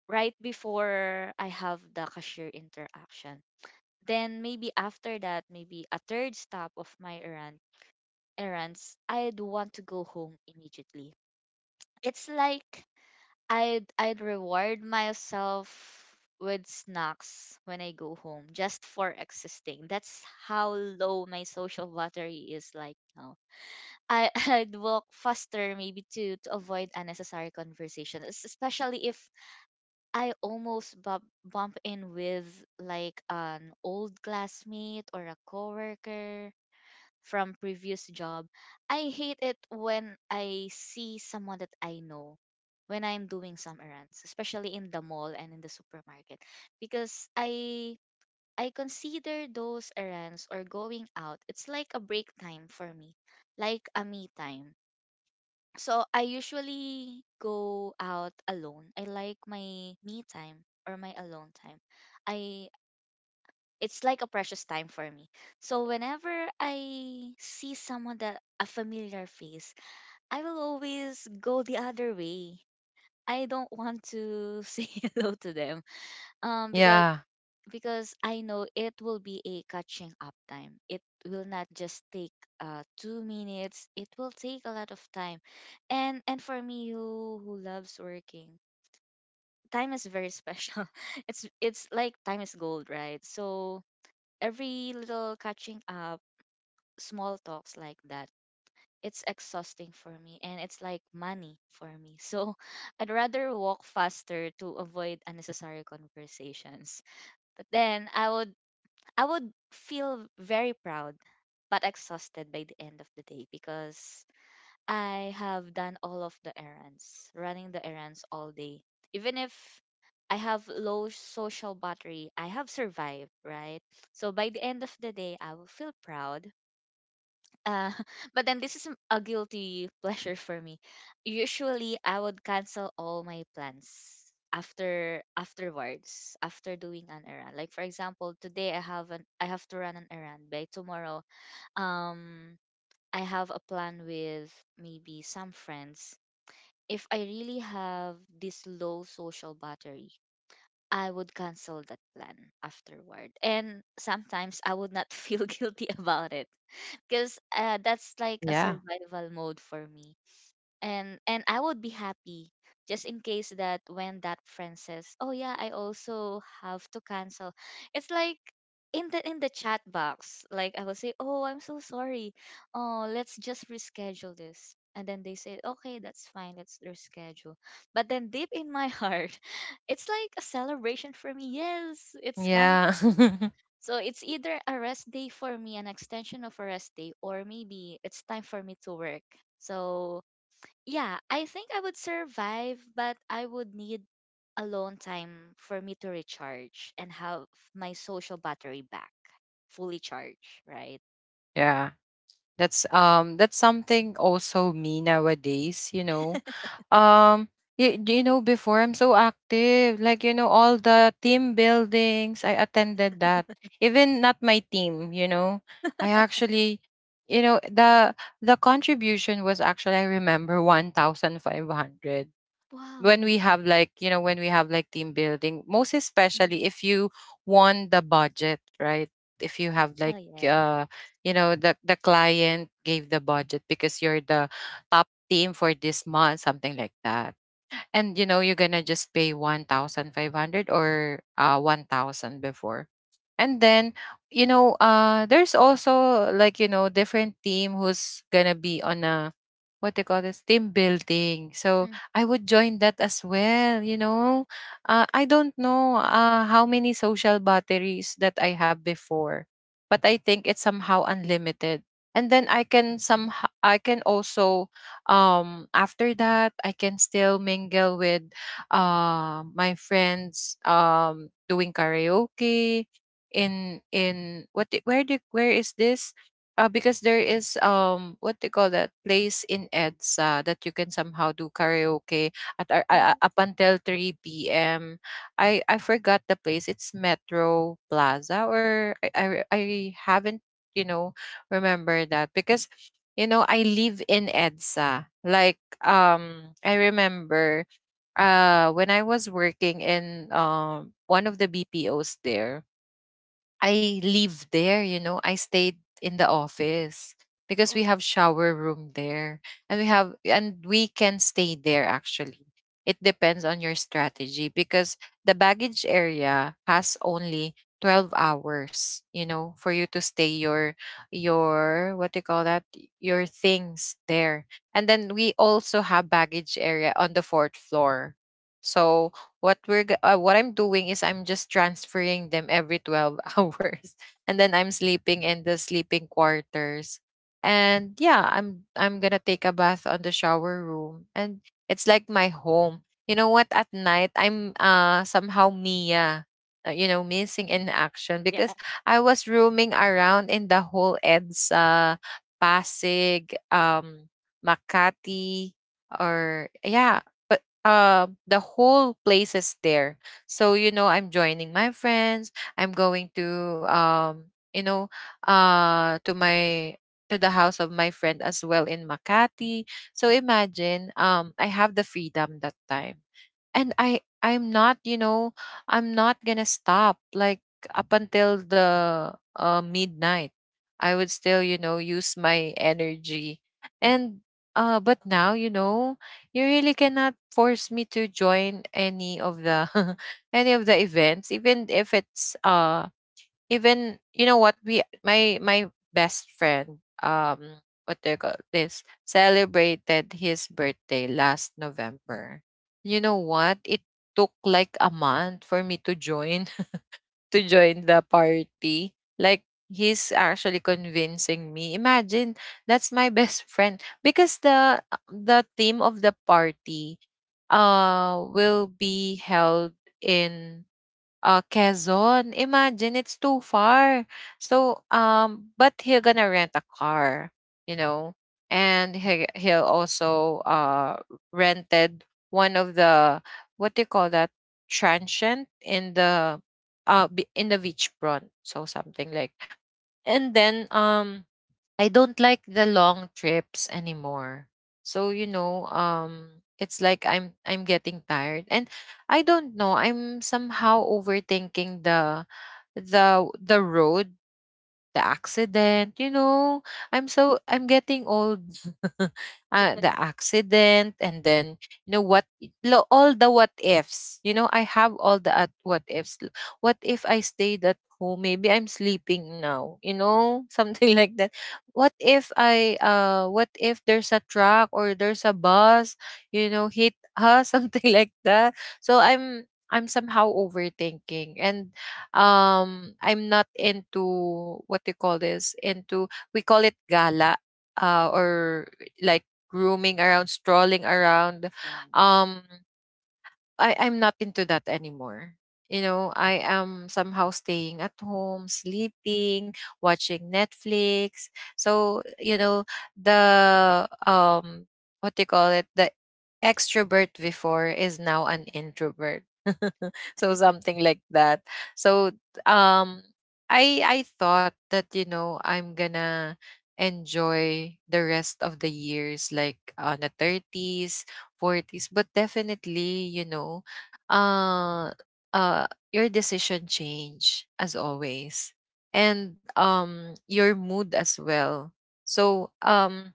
[SPEAKER 2] right before I have the cashier interaction. Then maybe after that, maybe a third stop of my errands, I'd want to go home immediately. It's like I'd reward myself with snacks when I go home just for existing. That's how low my social battery is like now. I I'd walk faster maybe to avoid unnecessary conversation, especially if I almost bump in with like an old classmate or a coworker from previous job. I hate it when I see someone that I know when I'm doing some errands, especially in the mall and in the supermarket, because I consider those errands or going out, it's like a break time for me, like a me time. So I usually go out alone. I like my me time or my alone time. I it's like a precious time for me. So whenever I see someone that a familiar face, I will always go the other way. I don't want to say hello to them. Um,
[SPEAKER 1] Yeah.
[SPEAKER 2] because I know it will be a catching up time. It will not just take 2 minutes. It will take a lot of time. And for me who loves working, time is very special. It's like time is gold, right? So every little catching up small talks like that. It's exhausting for me and it's like money for me. So I'd rather walk faster to avoid unnecessary conversations. But then I would feel very proud but exhausted by the end of the day because I have done all of the errands, running the errands all day. Even if I have low social battery, I have survived, right? So by the end of the day, I will feel proud, uh, but then this is a guilty pleasure for me. Usually, I would cancel all my plans afterwards after doing an errand. Like for example, today I have to run an errand. By tomorrow, um, I have a plan with maybe some friends. If I really have this low social battery, I would cancel that plan afterward. And sometimes I would not feel guilty about it because, that's like a
[SPEAKER 1] Yeah.
[SPEAKER 2] survival mode for me, and I would be happy just in case that when that friend says, oh yeah, I also have to cancel, it's like in the chat box, like I will say, oh, I'm so sorry, oh, let's just reschedule this, and then they say, okay, that's fine, let's reschedule. But then deep in my heart, it's like a celebration for me. Yes, it's
[SPEAKER 1] Yeah.
[SPEAKER 2] so it's either a rest day for me, an extension of a rest day, or maybe it's time for me to work. So yeah, I think I would survive, but I would need alone time for me to recharge and have my social battery back fully charged, right?
[SPEAKER 1] Yeah. That's something also me nowadays, you know. Um you, you know before I'm so active, like you know all the team buildings, I attended that. Even not my team, you know. I actually you know the contribution was actually I remember 1,500 when
[SPEAKER 2] Wow.
[SPEAKER 1] we have like you know when we have like team building, most
[SPEAKER 2] Mm.
[SPEAKER 1] especially if you won the budget, right? If you have
[SPEAKER 2] Oh
[SPEAKER 1] like
[SPEAKER 2] yeah.
[SPEAKER 1] uh you know the client gave the budget because you're the top team for this month, something like that. And you know you're gonna just pay 1,500 or 1,000 before, and then, you know, there's also like, you know, different team who's gonna be on a what they call this team building. So
[SPEAKER 2] Mm.
[SPEAKER 1] I would join that as well, you know. I don't know how many social batteries that I have before, but I think it's somehow unlimited. And then I can somehow I can also after that I can still mingle with my friends doing karaoke in what the, where is this because there is what they call that place in EDSA that you can somehow do karaoke at
[SPEAKER 2] Oh,
[SPEAKER 1] up until 3 p.m. I forgot the place. It's Metro Plaza or I haven't you know remember that because you know I live in EDSA. Like I remember when I was working in one of the BPOs there, I live there, you know. I stayed in the office because
[SPEAKER 2] oh
[SPEAKER 1] we have shower room there, and we have and we can stay there actually. It depends on your strategy because the baggage area has only 12 hours, you know, for you to stay your what do you call that? Your things there. And then we also have baggage area on the fourth floor. So what I'm doing is I'm just transferring them every 12 hours, and then I'm sleeping in the sleeping quarters. And yeah, I'm going to take a bath on the shower room, and it's like my home. You know what, at night I'm somehow Mia, you know, missing in action
[SPEAKER 2] yeah.
[SPEAKER 1] because I was roaming around in the whole EDSA, Pasig, Makati, or yeah, the whole place is there. So you know I'm joining my friends, I'm going to you know to my to the house of my friend as well in Makati. So imagine, I have the freedom that time, and I'm not, you know, I'm not gonna stop like up until the midnight. I would still you know use my energy. And but now you know, you really cannot force me to join any of the any of the events, even if it's even you know what, we my my best friend what they call this celebrated his birthday last November. You know what, it took like a month for me to join, the party. Like he's actually convincing me. Imagine that's my best friend because the theme of the party will be held in Quezon. Imagine it's too far. So but he'll gonna rent a car, you know, and he'll also rented one of the what do you call that, transient in the in the beach front. So something like. And then I don't like the long trips anymore. So, you know, it's like I'm getting tired. And I don't know, I'm somehow overthinking the road the accident, you know. I'm getting old. The accident, and then you know what, all the what ifs, you know, I have all the what ifs. What if I stayed at home, maybe I'm sleeping now, you know. Something like that. What if I what if there's a truck or there's a bus, you know, hit us. Something like that. So I'm somehow overthinking. And I'm not into, what do you call this, into, we call it gala, or like grooming around, strolling around.
[SPEAKER 2] Thing.
[SPEAKER 1] Um, I I'm not into that anymore. You know, I am somehow staying at home, sleeping, watching Netflix. So, you know, the what do you call it? The extrovert before is now an introvert. So something like that. So um I thought that, you know, I'm gonna enjoy the rest of the years like on the 30s, 40s, but definitely, you know, uh, uh, your decision change as always, and your mood as well. So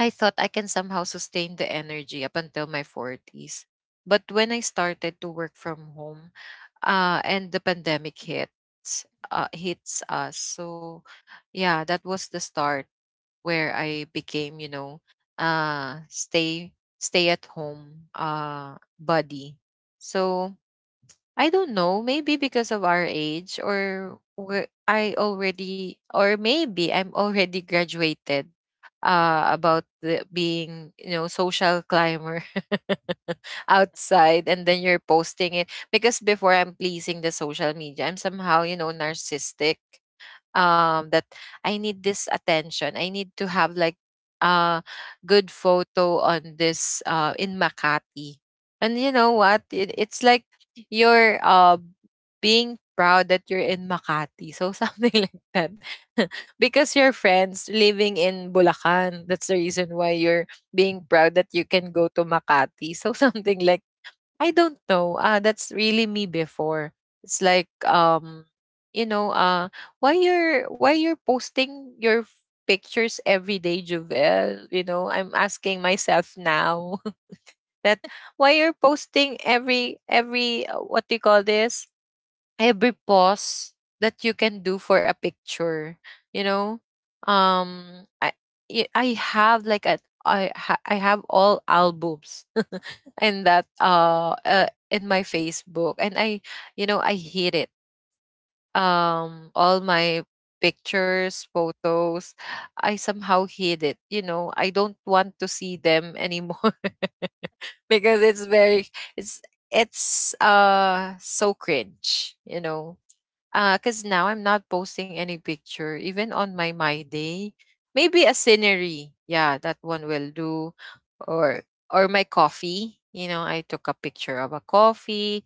[SPEAKER 1] I thought I can somehow sustain the energy up until my 40s. But when I started to work from home, and the pandemic hits, hits us. So yeah, that was the start where I became, you know, stay at home buddy. So I don't know, maybe because of our age, or I already, or maybe I'm already graduated about the, being, you know, social climber outside, and then you're posting it because before I'm pleasing the social media, I'm somehow, you know, narcissistic that I need this attention. I need to have like a good photo on this in Makati. And you know what, it's like you're being proud that you're in Makati. So something like that. Because your friends living in Bulacan. That's the reason why you're being proud that you can go to Makati. So something like. I don't know. That's really me before. It's like you know, why you're posting your pictures every day, Jovel? You know, I'm asking myself now that why you're posting every what do you call this, every pause that you can do for a picture, you know. um i I have like I have all albums, and that in my Facebook, and I you know I hate it. All my pictures, photos, I somehow hid it, you know. I don't want to see them anymore. Because it's very it's it's so cringe, you know, because now I'm not posting any picture, even on my my day. Maybe a scenery, yeah, that one will do, or my coffee. You know, I took a picture of a coffee,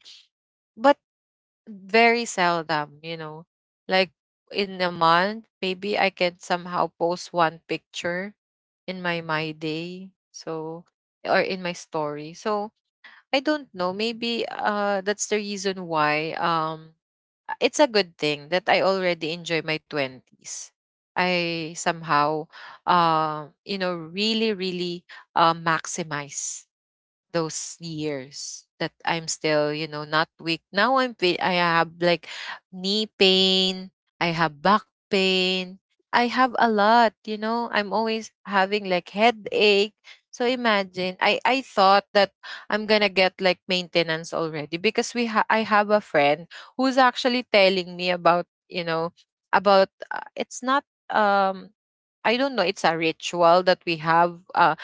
[SPEAKER 1] but very seldom. You know, like in a month, maybe I can somehow post one picture in my my day. So or in my story. So I don't know. Maybe that's the reason why it's a good thing that I already enjoy my 20s. I somehow, you know, really maximize those years that I'm still, you know, not weak. Now I have like knee pain, I have back pain. I have a lot, you know. I'm always having like headache. So imagine, I thought that I'm gonna get like maintenance already, because I have a friend who's actually telling me about you know about it's not, I don't know, it's a ritual that we have.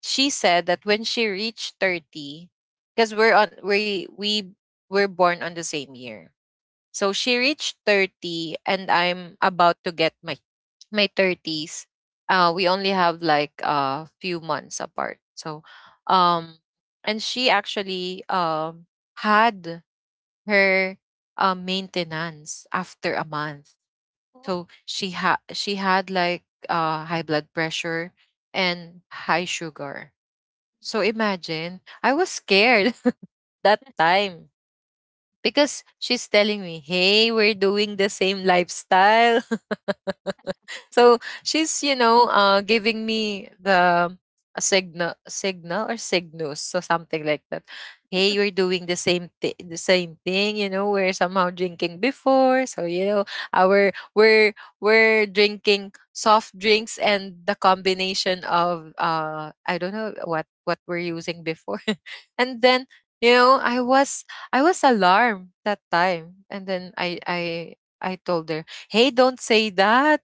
[SPEAKER 1] She said that when she reached 30, because we were born on the same year. So she reached 30 and I'm about to get my 30s. We only have like a few months apart, so um and she actually had her maintenance after a month.
[SPEAKER 2] Oh,
[SPEAKER 1] So she had like high blood pressure and high sugar. So imagine, I was scared that time, because she's telling me, "Hey, we're doing the same lifestyle." So she's, you know, giving me the a signal, signal or signals, so something like that. "Hey, we're doing the same thing, the same thing. You know, we're somehow drinking before, so you know, our we're drinking soft drinks and the combination of I don't know what we're using before," and then, you know, I was alarmed that time. And then I told her, "Hey, don't say that,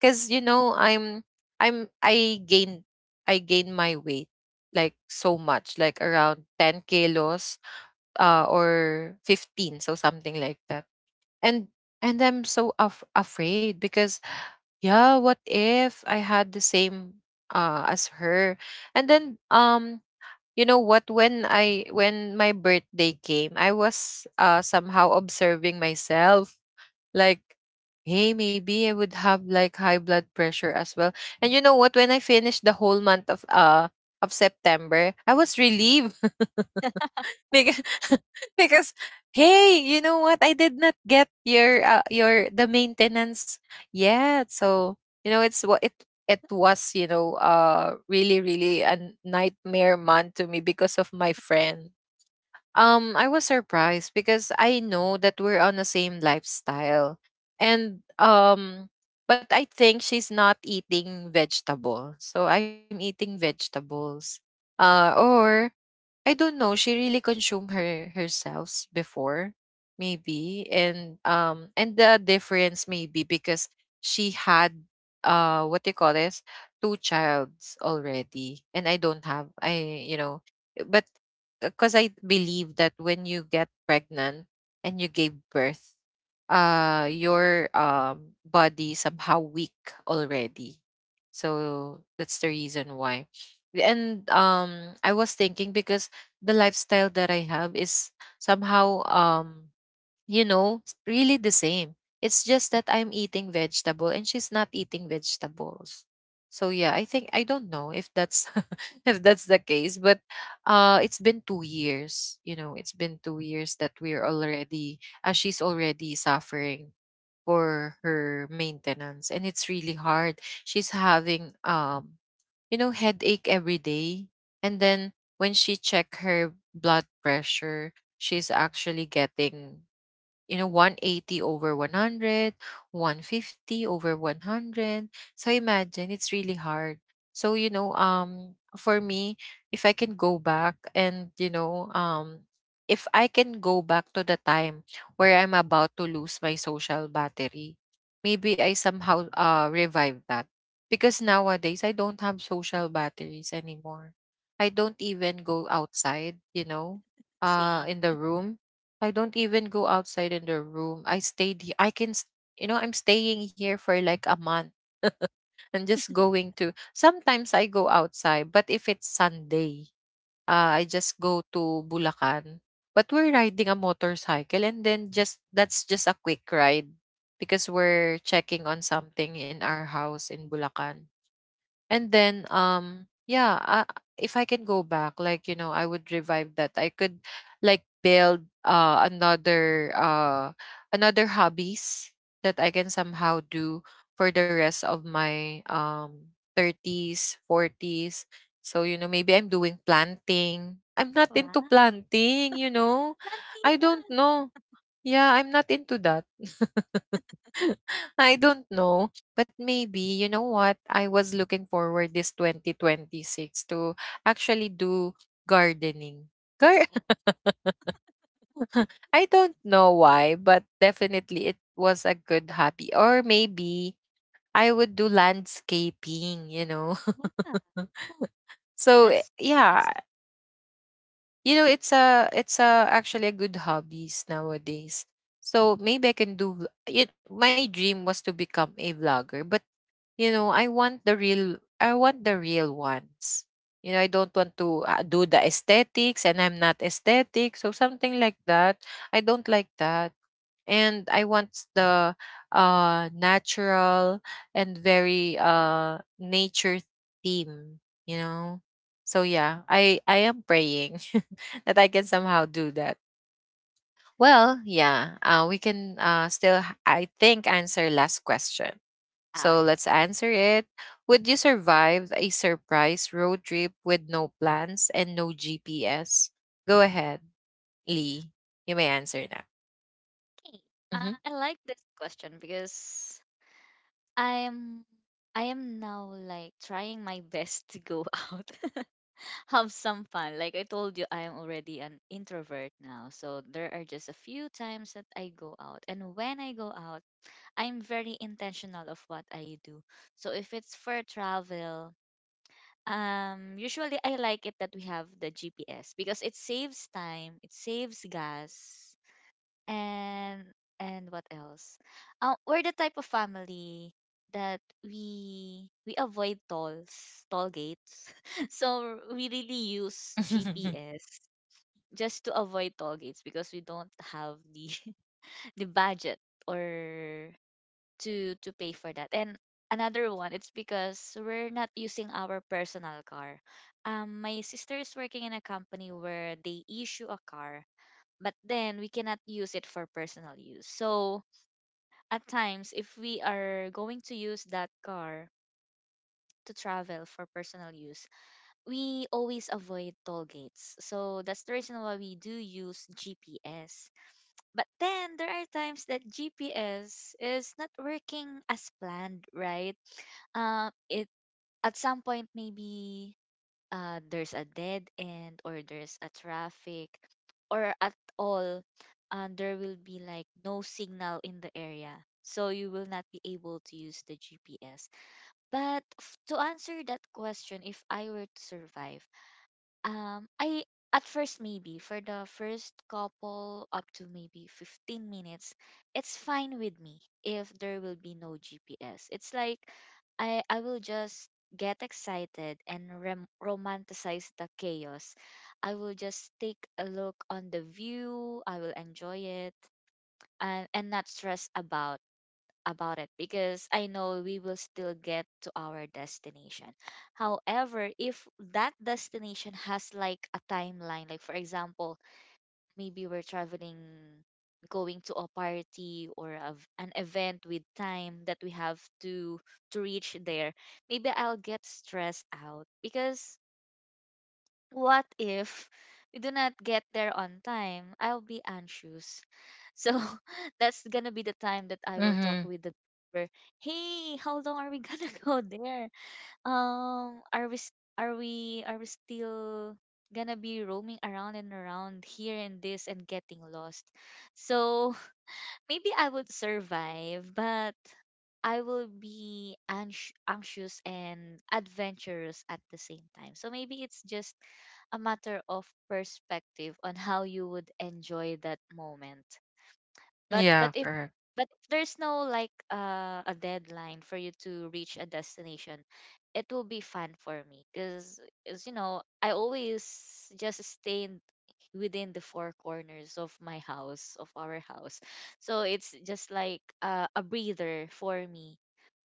[SPEAKER 1] because you know, i'm i gained I gained my weight, like, so much, like around 10 kilos or 15, so something like that. And and I'm so afraid, because, yeah, what if I had the same as her?" And then, you know what, when I when my birthday came, I was somehow observing myself, like, hey, maybe I would have like high blood pressure as well. And you know what? When I finished the whole month of of September, I was relieved because because, hey, you know what, I did not get your the maintenance yet. So you know, it's what it was, you know, really, really a nightmare month to me because of my friend. I was surprised because I know that we're on the same lifestyle. And But I think she's not eating vegetable. So I'm eating vegetables. Or I don't know, she really consumed herself before, maybe. And the difference maybe because she had what they call this, two childs already. And I don't have, I you know. But because I believe that when you get pregnant and you gave birth, your body somehow weak already. So that's the reason why. And I was thinking because the lifestyle that I have is somehow, you know, really the same. It's just that I'm eating vegetable and she's not eating vegetables. So yeah, I think, I don't know if that's if that's the case. But it's been 2 years, you know, it's been 2 years that we're already, she's already suffering for her maintenance, and it's really hard. She's having, you know, headache every day. And then, when she check her blood pressure, she's actually getting, you know, 180 over 100, 150 over 100. So imagine, it's really hard. So you know, for me, if I can go back and, you know, if I can go back to the time where I'm about to lose my social battery, maybe I somehow revive that, because nowadays I don't have social batteries anymore. I don't even go outside, you know,
[SPEAKER 2] see.
[SPEAKER 1] in the room. I don't even go outside in the room. I stayed he I can s You know, I'm staying here for like a month. And just going to, sometimes I go outside, but if it's Sunday, I just go to Bulacan. But we're riding a motorcycle, and then just that's just a quick ride, because we're checking on something in our house in Bulacan. And then, yeah, I, if I can go back, like, you know, I would revive that. I could like build another hobbies that I can somehow do for the rest of my 30s, 40s. So, you know, maybe I'm doing planting. I'm not into
[SPEAKER 2] Wow.
[SPEAKER 1] planting, you know. I
[SPEAKER 2] Plantita.
[SPEAKER 1] don't know. Yeah, I'm not into that. I don't know, but maybe, you know what, I was looking forward this 2026 to actually do gardening. Gar- I don't know why, but definitely it was a good hobby. Or maybe I would do landscaping, you know.
[SPEAKER 2] Wow.
[SPEAKER 1] So eh,
[SPEAKER 2] That's that's
[SPEAKER 1] yeah, you know, it's a actually a good hobbies nowadays. So maybe I can do it. My dream was to become a vlogger, but, you know, I want the real ones, you know. I don't want to do the aesthetics, and I'm not aesthetic, so something like that. I don't like that. And I want the natural and very nature theme, you know. So yeah, I am praying that I can somehow do that. Well, yeah, we can, still I think answer last question.
[SPEAKER 2] ah,
[SPEAKER 1] So
[SPEAKER 2] okay.
[SPEAKER 1] let's answer it. Would you survive a surprise road trip with no plans and no GPS? Go ahead, Lee. You may answer now.
[SPEAKER 2] Hey,
[SPEAKER 1] Mm-hmm.
[SPEAKER 2] I like this question because I'm I am now like trying my best to go out, have some fun. Like I told you, I am already an introvert now, so there are just a few times that I go out, and when I go out, I'm very intentional of what I do. So if it's for travel, usually I like it that we have the GPS because it saves time, it saves gas, and and what else? We're the type of family that we avoid tolls, toll gates. So we really use GPS just to avoid toll gates because we don't have the the budget or to pay for that. And another one, it's because we're not using our personal car. My sister is working in a company where they issue a car but then we cannot use it for personal use. So at times, if we are going to use that car to travel for personal use, we always avoid toll gates. So that's the reason why we do use GPS. But then there are times that GPS is not working as planned, right? It at some point maybe, there's a dead end or there's a traffic or at all, and there will be like no signal in the area, so you will not be able to use the GPS. But to answer that question, if I were to survive, I at first maybe for the first couple up to maybe 15 minutes, it's fine with me if there will be no GPS. It's like I will just get excited and romanticize the chaos. I will just take a look on the view. I will enjoy it and not stress about it because I know we will still get to our destination. However, if that destination has like a timeline, like for example, maybe we're traveling going to a party or an event with time that we have to reach there, maybe I'll get stressed out because what if we do not get there on time? I'll be anxious. So that's gonna be the time that I will talk
[SPEAKER 1] Mm-hmm.
[SPEAKER 2] with the driver. Hey, how long are we gonna go there? Um, are we s- are we still gonna be roaming around and around here and this and getting lost? So maybe I would survive, but I will be anxious and adventurous at the same time. So maybe it's just a matter of perspective on how you would enjoy that moment. but but
[SPEAKER 1] Yeah,
[SPEAKER 2] if
[SPEAKER 1] correct.
[SPEAKER 2] but if there's no like, a deadline for you to reach a destination, it will be fun for me because you know I always just stay within the four corners of my house of our house. So it's just like, a breather for me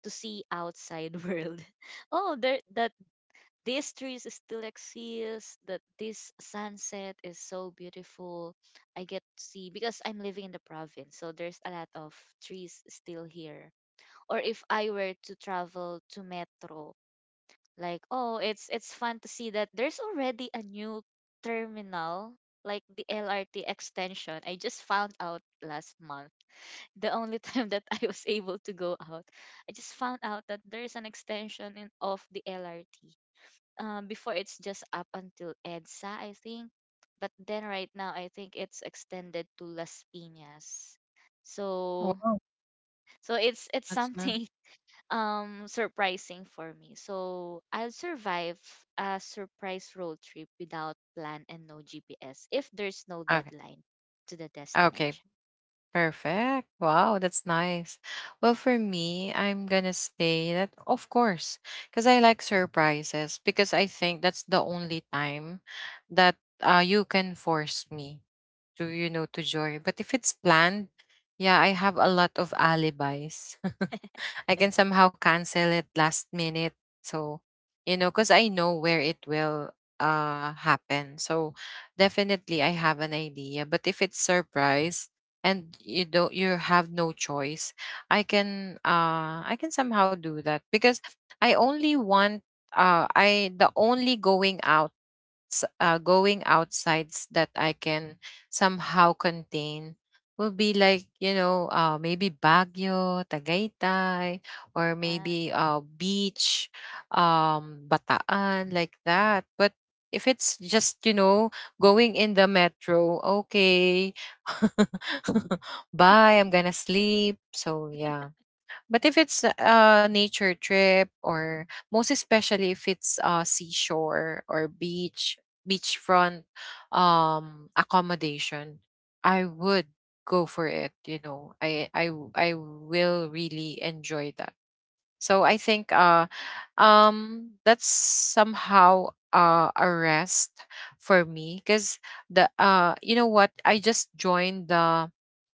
[SPEAKER 2] to see outside world. Oh, there that these trees still exist, that this sunset is so beautiful. I get to see because I'm living in the province, so there's a lot of trees still here. Or if I were to travel to metro, like, oh, it's fun to see that there's already a new terminal like the LRT extension. I just found out last month, the only time that I was able to go out, I just found out that there's an extension of the LRT. Um, before it's just up until EDSA, I think. But then right now, I think it's extended to Las Piñas. So,
[SPEAKER 1] Wow,
[SPEAKER 2] so it's
[SPEAKER 1] that's nice.
[SPEAKER 2] something surprising for me. So I'll survive a surprise road trip without plan and no GPS if there's no
[SPEAKER 1] Okay.
[SPEAKER 2] deadline to the
[SPEAKER 1] Okay.
[SPEAKER 2] destination.
[SPEAKER 1] Perfect. Wow, that's nice. Well, for me, I'm gonna say that of course, because I like surprises. Because I think that's the only time that, you can force me to, you know, to joy. But if it's planned, yeah, I have a lot of alibis. I can somehow cancel it last minute. So, you know, because I know where it will happen. So definitely I have an idea. But if it's surprise and you have no choice, I can somehow do that, because I only want, I the only going out, going outsides that I can somehow contain will be like, you know, maybe Baguio, Tagaytay, or
[SPEAKER 2] Yeah,
[SPEAKER 1] maybe, beach, Bataan, like that. But if it's just, you know, going in the metro, okay, bye, I'm gonna sleep. So yeah. But if it's a nature trip, or most especially if it's a seashore or beach, beachfront accommodation, I would go for it, you know. I will really enjoy that. So I think, that's somehow a rest for me, because the, you know what, I just joined the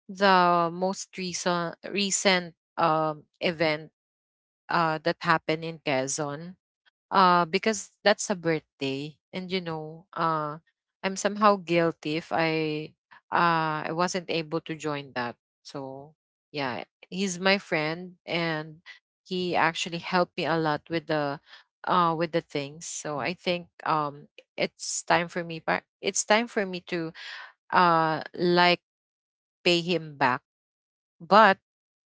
[SPEAKER 1] the most recent event that happened in Quezon, because that's a birthday. And you know, I'm somehow guilty if I wasn't able to join that. So yeah, he's my friend, and he actually helped me a lot with the, with the things. So I think, it's time for me, it's time for me to, like, pay him back. But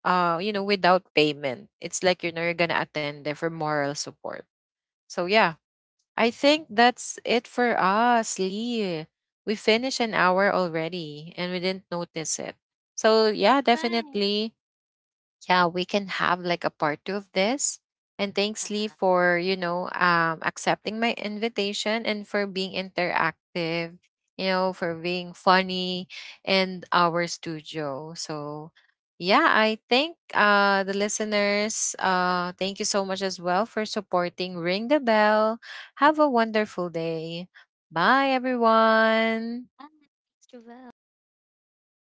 [SPEAKER 1] you know, without payment, it's like, you know, you're gonna attend there for moral support. So yeah, I think that's it for us, Lee. We finished an hour already and we didn't notice it. So yeah,
[SPEAKER 2] bye. Bye.
[SPEAKER 1] definitely, yeah, we can have like a part two of this. And
[SPEAKER 2] Yeah.
[SPEAKER 1] thanks, Lee,
[SPEAKER 2] Have
[SPEAKER 1] for, you know, accepting my invitation and for being interactive. You know, for being funny in our studio. So, yeah, I think, the listeners, thank you so much as well for supporting. Ring the bell. Have
[SPEAKER 2] a
[SPEAKER 1] a
[SPEAKER 2] great
[SPEAKER 1] wonderful day. Bye, everyone.
[SPEAKER 2] time. Thanks, Jovel. Bye, everyone.